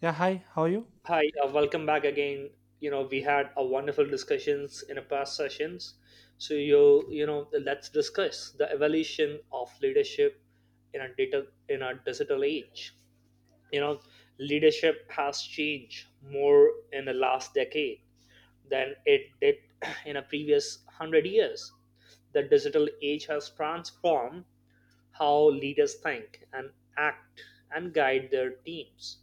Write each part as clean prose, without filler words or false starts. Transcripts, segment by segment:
Yeah, hi, how are you? Hi, welcome back again. You know, we had a wonderful discussions in the past sessions. So let's discuss the evolution of leadership in a digital age. You know, leadership has changed more in the last decade than it did in a previous hundred years. The digital age has transformed how leaders think and act and guide their teams.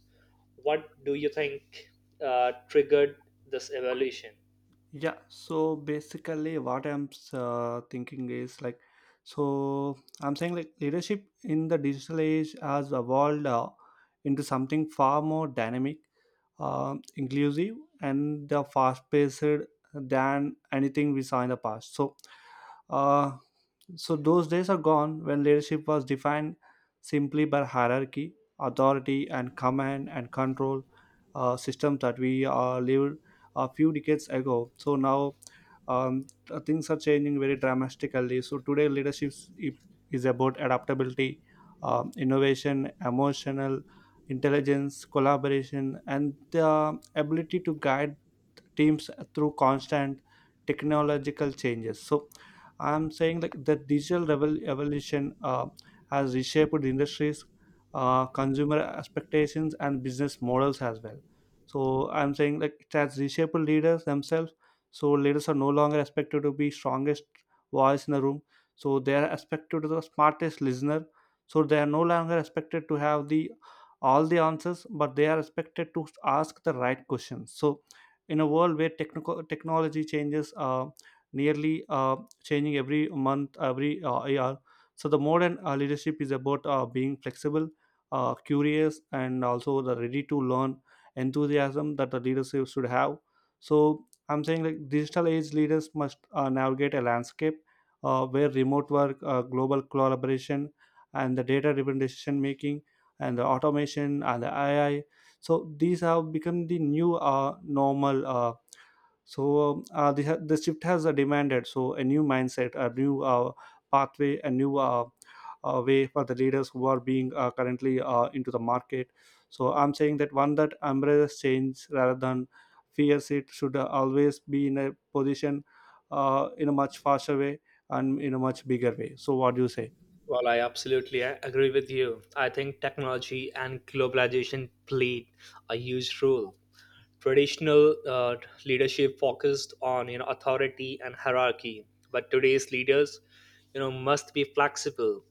What do you think triggered this evolution? Yeah, so basically, what I'm thinking is like, so I'm saying like leadership in the digital age has evolved into something far more dynamic, inclusive, and the fast paced than anything we saw in the past. Uh, So those days are gone when leadership was defined simply by hierarchy, authority, and command and control system that we lived a few decades ago. So now things are changing very dramatically. So today, i- is about adaptability, innovation, emotional intelligence, collaboration, and the ability to guide teams through constant technological changes. So I'm saying like the evolution has reshaped industries, consumer expectations, and business models as well. So I'm saying like it has reshaped leaders themselves. So leaders are no longer expected to be strongest voice in the room, so they are expected to the smartest listener. So they are no longer expected to have the all the answers, but they are expected to ask the right questions. So in a world where technical technology changes nearly changing every month, every year. So the modern leadership is about being flexible, curious, and also the ready to learn enthusiasm that the leadership should have. So I'm saying like digital age leaders must navigate a landscape where remote work, global collaboration, and the data-driven decision making, and the automation and the AI. So these have become the new normal. The shift has demanded so a new mindset, a new pathway, a new way for the leaders who are being currently into the market. So I'm saying that one that embraces change rather than fears it should always be in a position, in a much faster way and in a much bigger way. So what do you say? Well, I absolutely agree with you. I think technology and globalization played a huge role. Traditional leadership focused on, you know, authority and hierarchy, but today's leaders, you know, must be flexible,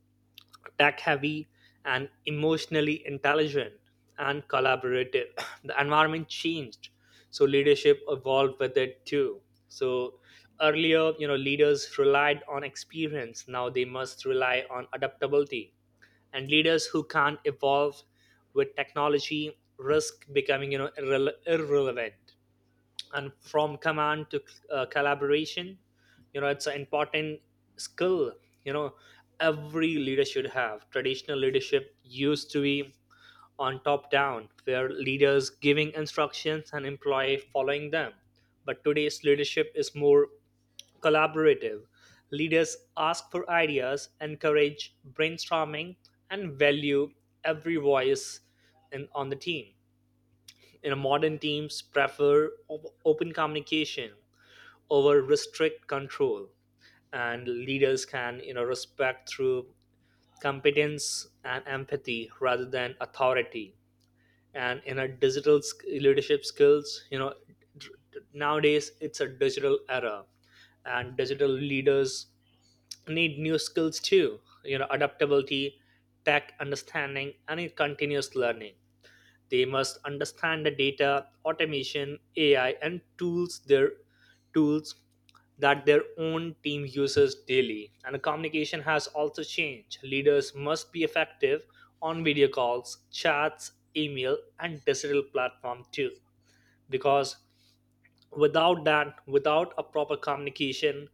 tech heavy, and emotionally intelligent, and collaborative. The environment changed, so leadership evolved with it too. So earlier, you know, leaders relied on experience, now they must rely on adaptability. And leaders who can't evolve with technology risk becoming, you know, irrelevant. And from command to collaboration, you know, it's an important skill, you know, every leader should have. Traditional leadership used to be on top down, where leaders giving instructions and employee following them, but today's leadership is more collaborative. Leaders ask for ideas, encourage brainstorming, and value every voice on the team. You know, modern teams prefer open communication over restrict control, and leaders can, you know, respect through competence and empathy rather than authority. And in a leadership skills, you know, nowadays it's a digital era, and digital leaders need new skills too. You know, adaptability, tech understanding, and continuous learning. They must understand the data, automation, AI, and tools that their own team uses daily. And the communication has also changed. Leaders must be effective on video calls, chats, email, and digital platform too. Because without that, without a proper communication,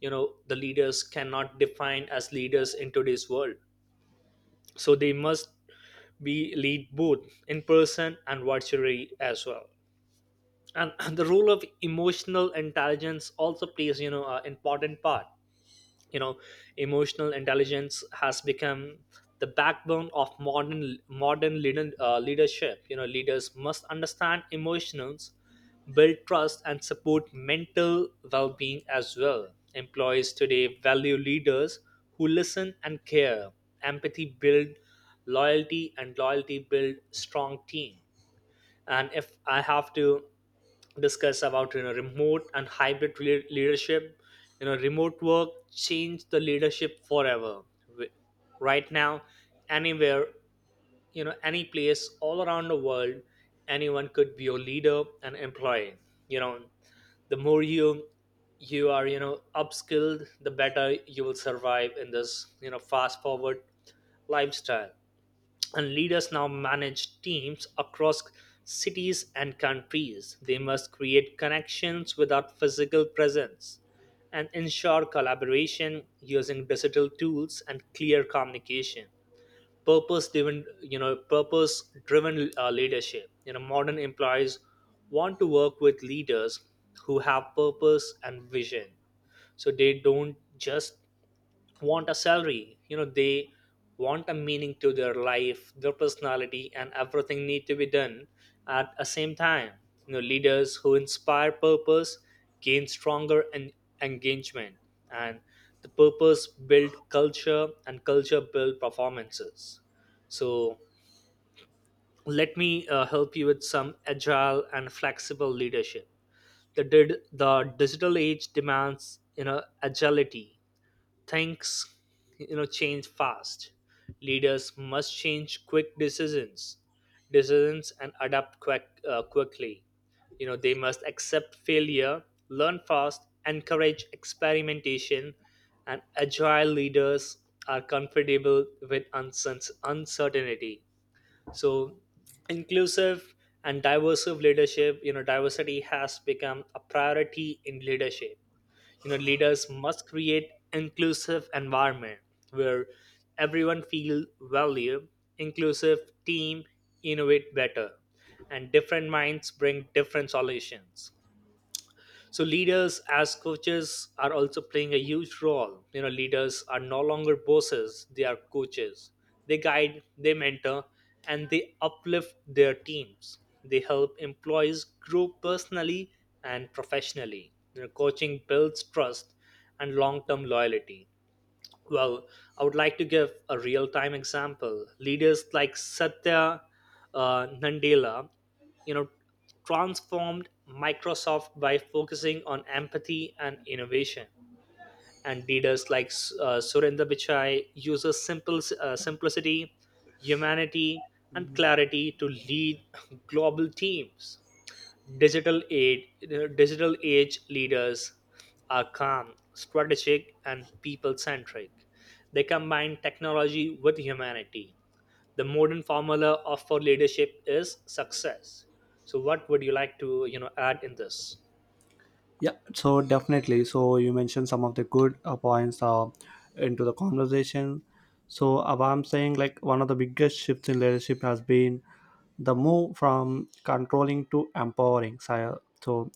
you know, the leaders cannot define as leaders in today's world. So they must be lead both in person and virtually as well. And the role of emotional intelligence also plays, you know, an important part. You know, emotional intelligence has become the backbone of modern leadership. You know, leaders must understand emotions, build trust, and support mental well-being as well. Employees today value leaders who listen and care. Empathy build loyalty, and loyalty build strong team. And if I have to discuss about, you know, remote and hybrid leadership, you know, remote work changed the leadership forever. Wi- right now, anywhere, you know, any place all around the world, anyone could be your leader and employee. You know, the more you, you are upskilled, the better you will survive in this, you know, fast forward lifestyle. And leaders now manage teams across cities and countries. They must create connections without physical presence and ensure collaboration using digital tools and clear communication. Purpose driven, you know, purpose driven leadership. You know, modern employees want to work with leaders who have purpose and vision. So they don't just want a salary, you know, they want a meaning to their life. Their personality and everything need to be done at a same time. You know, leaders who inspire purpose gain stronger engagement. And the purpose build culture, and culture build performances. So let me help you with some agile and flexible leadership. The digital age demands, you know, agility. Things, you know, change fast. Leaders must change quick decisions, and adapt quickly. You know, they must accept failure, learn fast, encourage experimentation. And agile leaders are comfortable with uncertainty. So inclusive and diverse leadership. You know, diversity has become a priority in leadership. You know, leaders must create inclusive environment where everyone feel valued. Inclusive team innovate better, and different minds bring different solutions. So leaders as coaches are also playing a huge role. You know, leaders are no longer bosses, they are coaches. They guide, they mentor, and they uplift their teams. They help employees grow personally and professionally. You know, coaching builds trust and long-term loyalty. Well, I would like to give a real time example. Leaders like Satya Nadella, you know, transformed Microsoft by focusing on empathy and innovation. And leaders like Surinder Pichai uses simple simplicity, humanity, and clarity to lead global teams. Digital age, digital age leaders are calm, strategic, and people-centric. They combine technology with humanity. The modern formula of for leadership is success. So, what would you like to, you know, add in this? Yeah, so definitely. So you mentioned some of the good points into the conversation. So what I'm saying, like one of the biggest shifts in leadership has been the move from controlling to empowering sire. so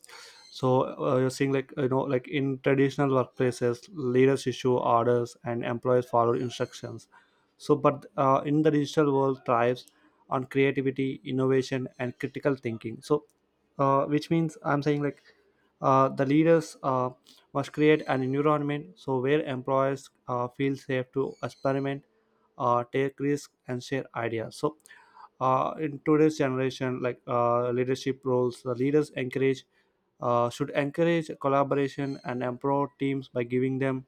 so uh, you're seeing like, you know, like in traditional workplaces, leaders issue orders and employees follow instructions. So but in the digital world thrives on creativity, innovation, and critical thinking. So which means I'm saying like the leaders must create an environment so where employees feel safe to experiment, take risks, and share ideas. So in today's generation, like, leadership roles, the leaders encourage should encourage collaboration and empower teams by giving them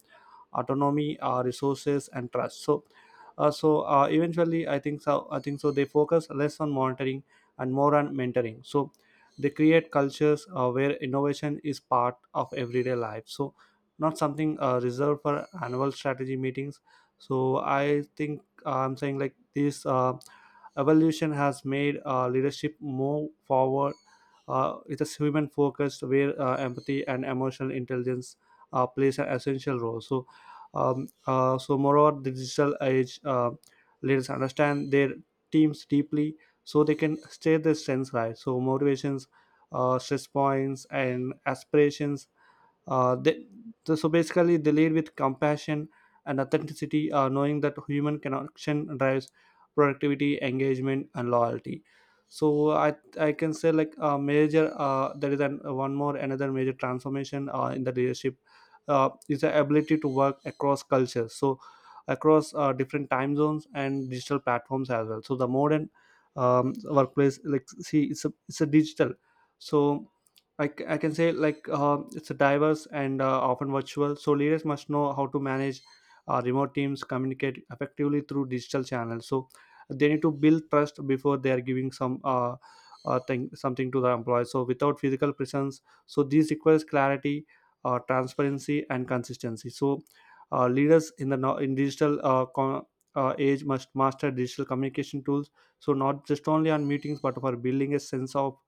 autonomy, resources, and trust. So eventually, I think so they focus less on monitoring and more on mentoring. So they create cultures where innovation is part of everyday life, so not something reserved for annual strategy meetings. So I'm saying like this evolution has made leadership more forward. It is human focused, where empathy and emotional intelligence plays an essential role. So moreover, the digital age leaders understand their teams deeply, so they can stay their strengths, right? So motivations, stress points, and aspirations. Uh, they, so so basically, they lead with compassion and authenticity, knowing that human connection drives productivity, engagement, and loyalty. So I can say like a major one more another major transformation in the leadership is the ability to work across cultures. So across different time zones and digital platforms as well. So the modern workplace, like, see it's a digital. So I can say like it's a diverse and often virtual. So leaders must know how to manage remote teams, communicate effectively through digital channels. So they need to build trust before they are giving some thing something to the employees, so without physical presence. So this requires clarity, transparency, and consistency. So leaders in the in digital age must master digital communication tools, so not just only on meetings but for building a sense of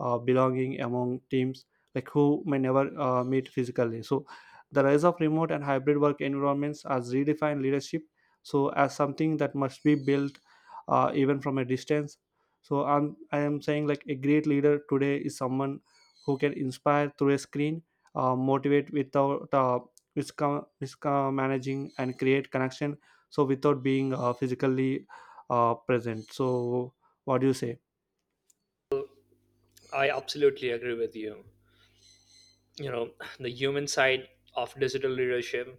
belonging among teams like who may never meet physically. So the rise of remote and hybrid work environments has redefined leadership, so as something that must be built even from a distance. So I am saying like a great leader today is someone who can inspire through a screen, motivate without mismanaging, and create connection so without being physically present. So what do you say? I absolutely agree with you. You know, the human side of digital leadership,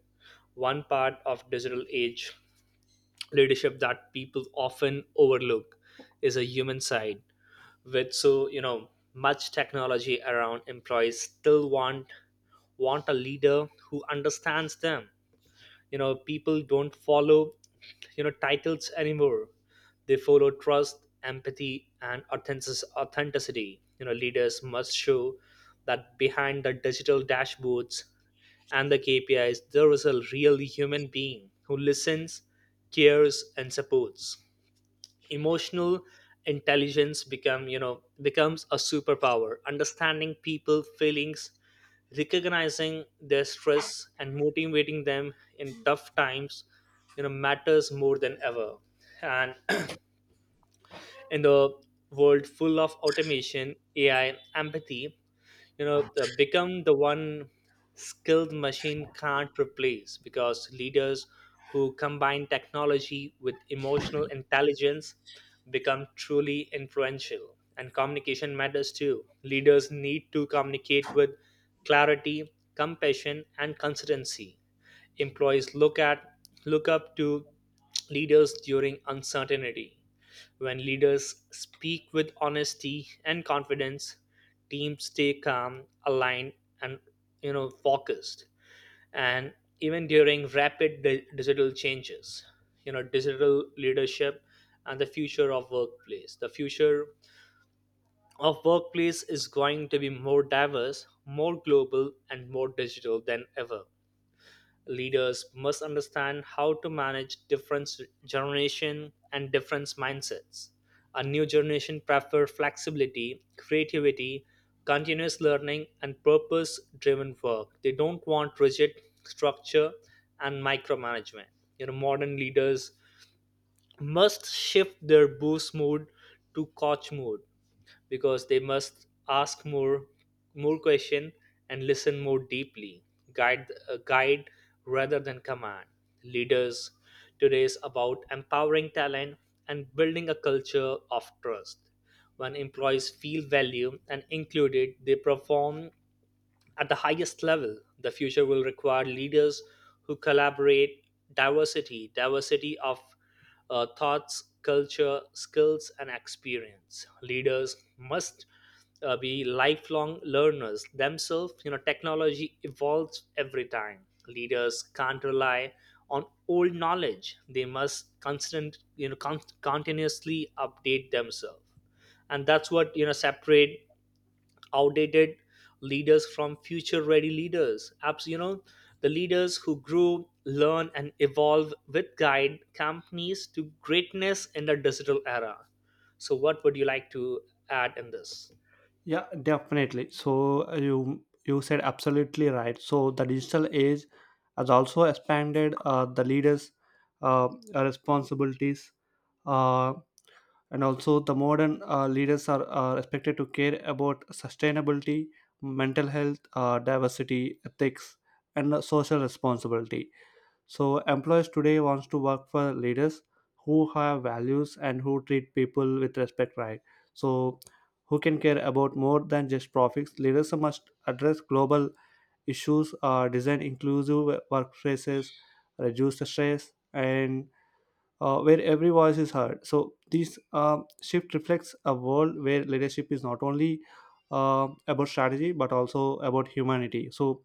one part of digital age leadership that people often overlook is a human side. With so, you know, much technology around, employees still want a leader who understands them. You know, people don't follow, you know, titles anymore. They follow trust, empathy, and authenticity. You know, leaders must show that behind the digital dashboards and the kpis there is a real human being who listens, cares, and supports. Emotional intelligence becomes a superpower. Understanding people feelings, recognizing their stress, and motivating them in tough times, you know, matters more than ever. And in the world full of automation, ai, empathy, you know, become the one skilled machine can't replace, because leaders who combine technology with emotional intelligence become truly influential. And communication matters too. Leaders need to communicate with clarity, compassion, and consistency. Employees look up to leaders during uncertainty. When leaders speak with honesty and confidence, teams stay calm, aligned, and, you know, focused. And even during rapid digital changes, you know, digital leadership and the future of workplace. The future of workplace is going to be more diverse, more global, and more digital than ever. Leaders must understand how to manage different generation and different mindsets. A new generation prefer flexibility, creativity, continuous learning, and purpose-driven work. They don't want rigid structure and micromanagement. You know, modern leaders must shift their boost mode to coach mode, because they must ask more question and listen more deeply, guide rather than command. Leaders today is about empowering talent and building a culture of trust. When employees feel valued and included, they perform at the highest level. The future will require leaders who collaborate. Diversity of thoughts, culture, skills, and experience. Leaders must be lifelong learners themselves. You know, technology evolves every time. Leaders can't rely on old knowledge. They must constant, you know, con- continuously update themselves, and that's what, you know, separate outdated leaders from future ready leaders apps. You know, the leaders who grow, learn, and evolve with guide companies to greatness in the digital era. So what would you like to add in this? Yeah, definitely. So you you said absolutely right. So the digital age has also expanded the leaders' uh, responsibilities, uh, and also the modern leaders are expected to care about sustainability, mental health, diversity, ethics, and social responsibility. So employers today wants to work for leaders who have values and who treat people with respect, right? So who can care about more than just profits? Leaders must address global issues, design inclusive workplaces, reduce the stress, and where every voice is heard. So this shift reflects a world where leadership is not only about strategy but also about humanity. So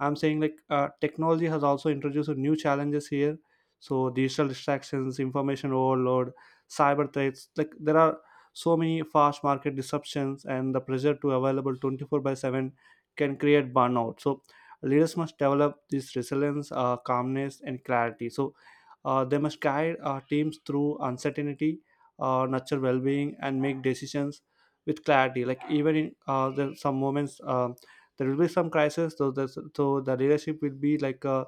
I'm saying like technology has also introduced new challenges here. So digital distractions, information overload, cyber threats. Like there are so many fast market disruptions, and the pressure to available 24 by 7 can create burnout. So leaders must develop this resilience, calmness, and clarity. So they must guide our teams through uncertainty, nurture well-being, and make decisions with clarity. Like even in there are some moments, there will be some crisis. So the leadership will be like, uh,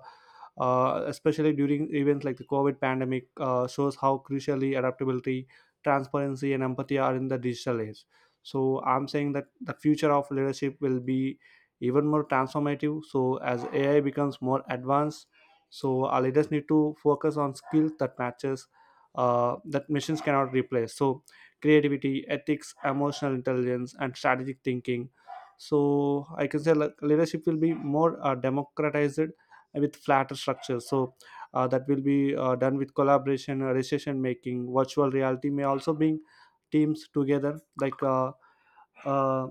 uh, especially during events like the COVID pandemic, shows how crucially adaptability, transparency, and empathy are in the digital age. So I'm saying that the future of leadership will be even more transformative. So as AI becomes more advanced, so our leaders need to focus on skills that matches that machines cannot replace, so creativity, ethics, emotional intelligence, and strategic thinking. So I can say like, leadership will be more democratized with flatter structures. So that will be done with collaboration, decision making. Virtual reality may also bring teams together, like uh,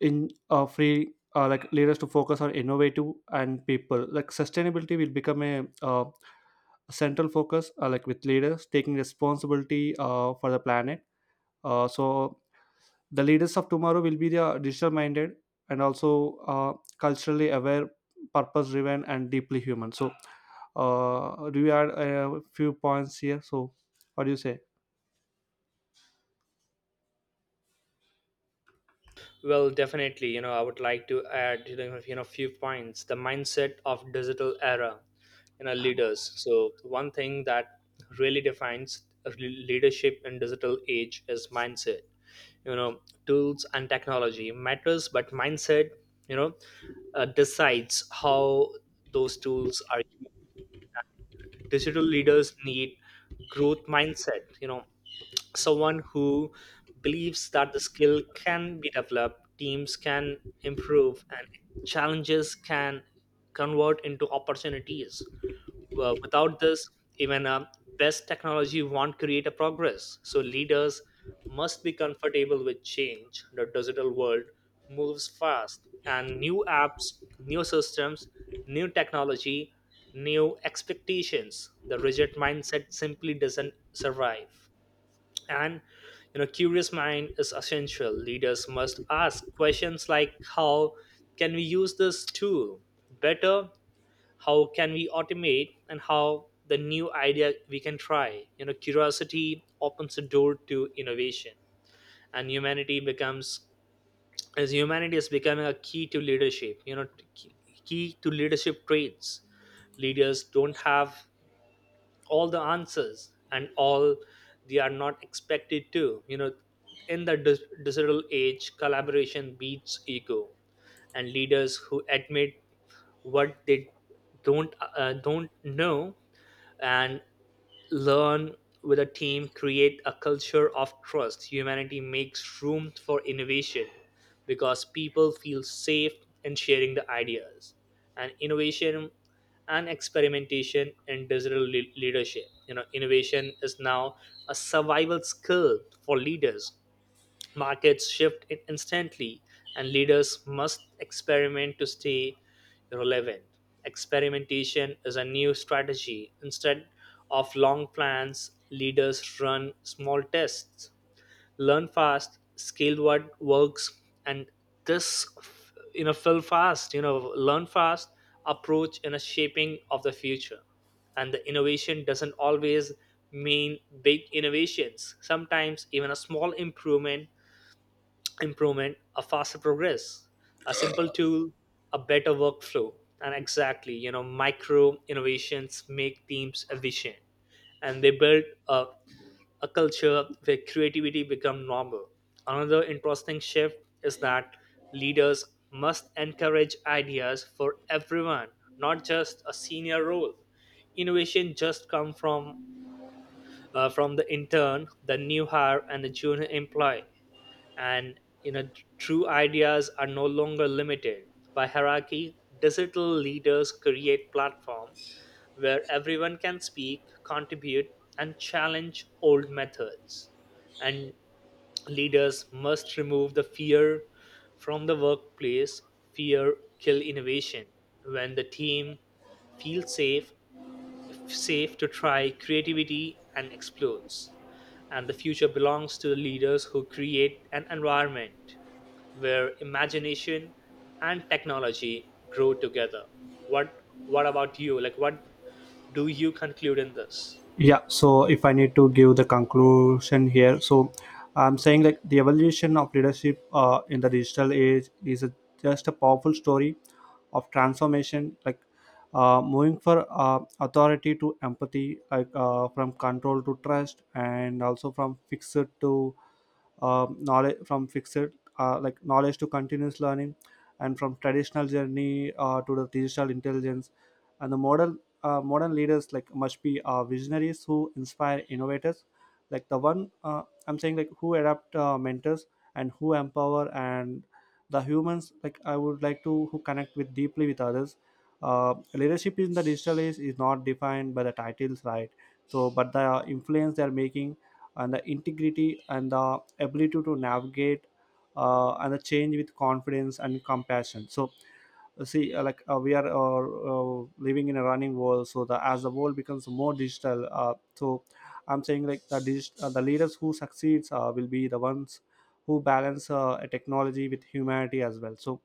in free, like lead us to focus on innovative and people. Like sustainability will become a central focus, like with leaders taking responsibility for the planet. So the leaders of tomorrow will be the digital minded and also culturally aware, purpose driven, and deeply human. So do you add a few points here? So what do you say? Well, definitely, you know, I would like to add, you know, few points. The mindset of digital era, you know, leaders. So one thing that really defines leadership in digital age is mindset. You know, tools and technology matters, but mindset, you know, decides how those tools are used. Digital leaders need growth mindset. You know, someone who believes that the skill can be developed, teams can improve, and challenges can convert into opportunities. Without this, even best technology won't create a progress. So leaders must be comfortable with change. The digital world moves fast, and new apps, new systems, new technology, new expectations. The rigid mindset simply doesn't survive. And, you know, curious mind is essential. Leaders must ask questions like, "How can we use this tool better, how can we automate, and how the new idea we can try?" You know, curiosity opens the door to innovation. And humanity becomes, as humanity is becoming a key to leadership. You know, t- key to leadership traits. Leaders don't have all the answers and all, they are not expected to. You know, in the digital age, collaboration beats ego, and leaders who admit what they don't know and learn with a team, create a culture of trust. Humanity makes room for innovation because people feel safe in sharing the ideas. And innovation and experimentation in digital leadership. You know, innovation is now a survival skill for leaders. Markets shift instantly, and leaders must experiment to stay relevant. Experimentation is a new strategy. Instead of long plans, leaders run small tests. Learn fast, scale what works, and this, you know, fill fast. You know, learn fast approach in a shaping of the future. And the innovation doesn't always mean big innovations. Sometimes even a small improvement, a faster progress, a simple tool, a better workflow. And exactly, you know, micro innovations make teams efficient, and they build a culture where creativity become normal. Another interesting shift is that leaders must encourage ideas for everyone, not just a senior role. Innovation just come from from the intern, the new hire, and the junior employee, and you know true ideas are no longer limited by hierarchy. Digital leaders create platform where everyone can speak, contribute, and challenge old methods. And leaders must remove the fear from the workplace. Fear kill innovation. When the team feels safe, safe to try, creativity and explodes. And the future belongs to the leaders who create an environment where imagination and technology grow together. What what about you? Like, what do you conclude in this? Yeah, so if I need to give the conclusion here, so I'm saying like the evolution of leadership in the digital age is a, just a powerful story of transformation. Like moving for authority to empathy, like from control to trust, and also from fixed to knowledge, from fixed like knowledge to continuous learning, and from traditional journey to the digital intelligence. And the modern leaders like must be visionaries who inspire innovators, like the one, I'm saying like, who adapt, mentors and who empower, and the humans, like, I would like to who connect with deeply with others. Leadership in the digital age is not defined by the titles, right? So but the influence they are making and the integrity and the ability to navigate and the change with confidence and compassion. So see like we are living in a running world. So the, as the world becomes more digital, so I'm saying like the the leaders who succeeds will be the ones who balance a technology with humanity as well. So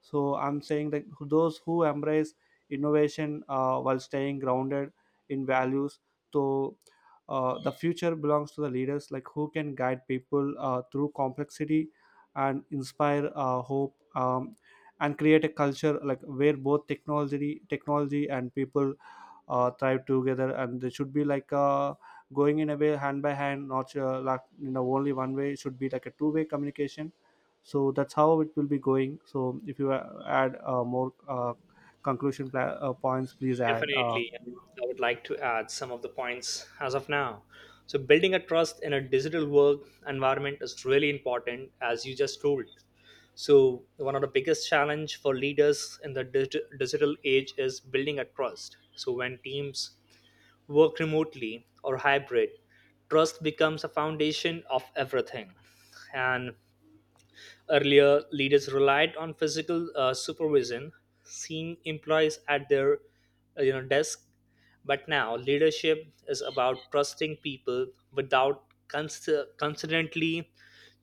so I'm saying that those who embrace innovation while staying grounded in values. So the future belongs to the leaders like who can guide people through complexity and inspire hope, and create a culture like where both technology and people thrive together, and they should be like going in a way hand by hand, not like, you know, only one way. It should be like a two-way communication. So that's how it will be going. So if you add more conclusion points, please add Definitely. And I would like to add some of the points as of now. So, building a trust in a digital work environment is really important, as you just told. So, one of the biggest challenge for leaders in the digital age is building a trust. So, when teams work remotely or hybrid, trust becomes a foundation of everything. And earlier, leaders relied on physical supervision, seeing employees at their desk. But now, leadership is about trusting people without constantly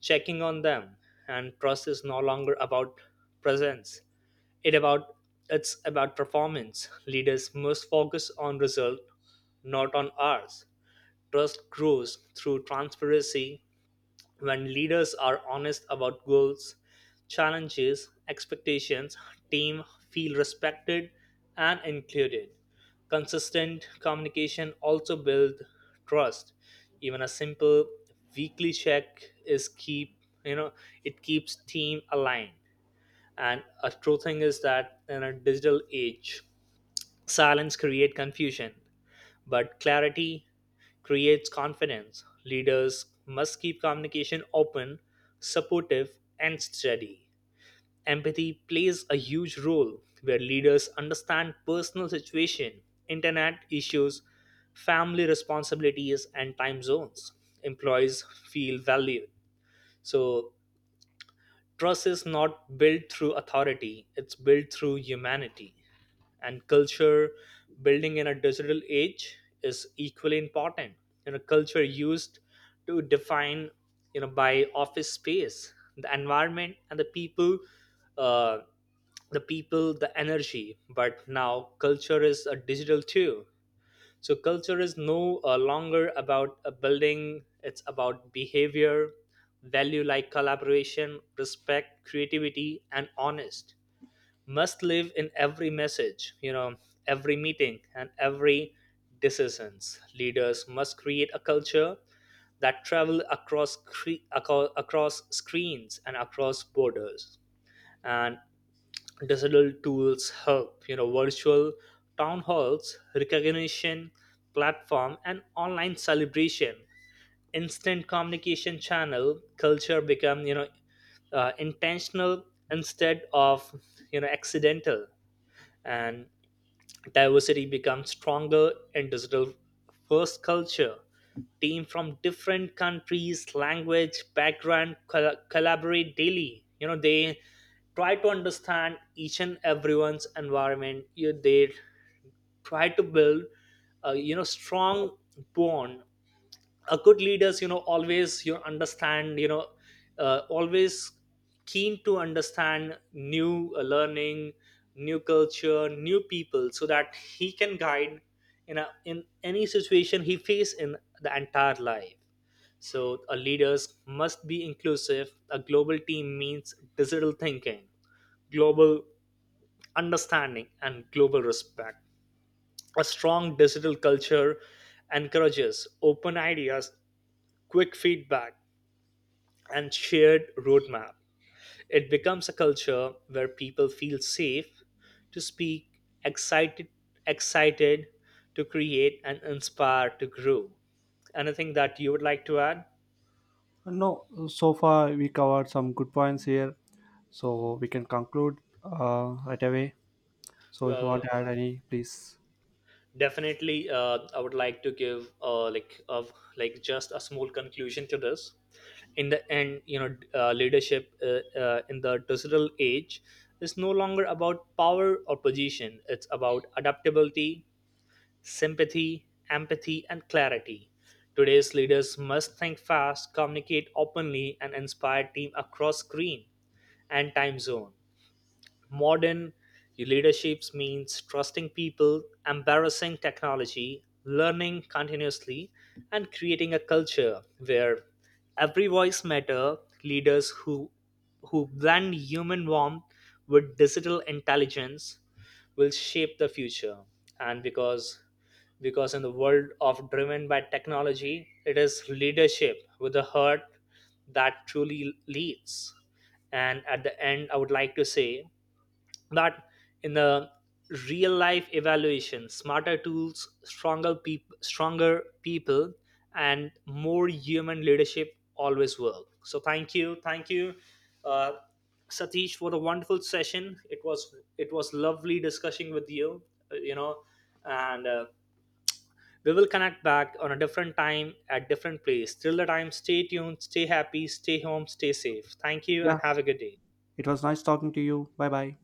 checking on them. And trust is no longer about presence. It about, it's about performance. Leaders must focus on result, not on hours. Trust grows through transparency. When leaders are honest about goals, challenges, expectations, team feel respected and included. Consistent communication also builds trust. Even a simple weekly check is keep, you know it keeps team aligned. And a true thing is that in a digital age, silence create confusion. But clarity creates confidence. Leaders must keep communication open, supportive, and steady. Empathy plays a huge role where leaders understand personal situation, internet issues, family responsibilities, and time zones. Employees feel valued. So trust is not built through authority, it's built through humanity. And culture building in a digital age is equally important. You know, culture used to define, you know, by office space, the environment, and the people, uh, the energy. But now culture is a digital too. So culture is no longer about a building, it's about behavior, value like collaboration, respect, creativity, and honest. Must live in every message, you know, every meeting, and every decisions. Leaders must create a culture that travel across across screens and across borders. And digital tools help, you know, virtual town halls, recognition platform, and online celebration, instant communication channel. Culture become, you know, intentional instead of, you know, accidental. And diversity becomes stronger in digital first culture. Team from different countries, language, background collaborate daily, you know. They try to understand each and everyone's environment. You, they try to build a, you know, strong bond. A good leaders, you know, always you understand, always keen to understand new learning, new culture, new people, so that he can guide in a, in any situation he face in the entire life. So a leaders must be inclusive. A global team means digital thinking, global understanding, and global respect. A strong digital culture encourages open ideas, quick feedback, and shared roadmap. It becomes a culture where people feel safe to speak, excited to create, and inspired to grow. Anything that you would like to add? no, so far we covered some good points here, so we can conclude right away. So if you want Well, to add any, please. definitely, I would like to give like of like just a small conclusion to this. In the end, you know, leadership in the digital age is no longer about power or position. It's about adaptability, sympathy, empathy, and clarity. Today's leaders must think fast, communicate openly, and inspire team across screen and time zone. Modern leaderships means trusting people, embarrassing technology, learning continuously, and creating a culture where every voice matter. Leaders who blend human warmth with digital intelligence will shape the future. And because in the world of driven by technology, it is leadership with a heart that truly leads. And at the end, I would like to say that in the real life evaluation, smarter tools, stronger people, and more human leadership always work. So thank you uh, Satish, for the wonderful session. It was lovely discussing with you, you know and we will connect back on a different time at different place. Till the time, stay tuned, stay happy, stay home, stay safe. Thank you and Yeah, have a good day. it was nice talking to you. Bye bye.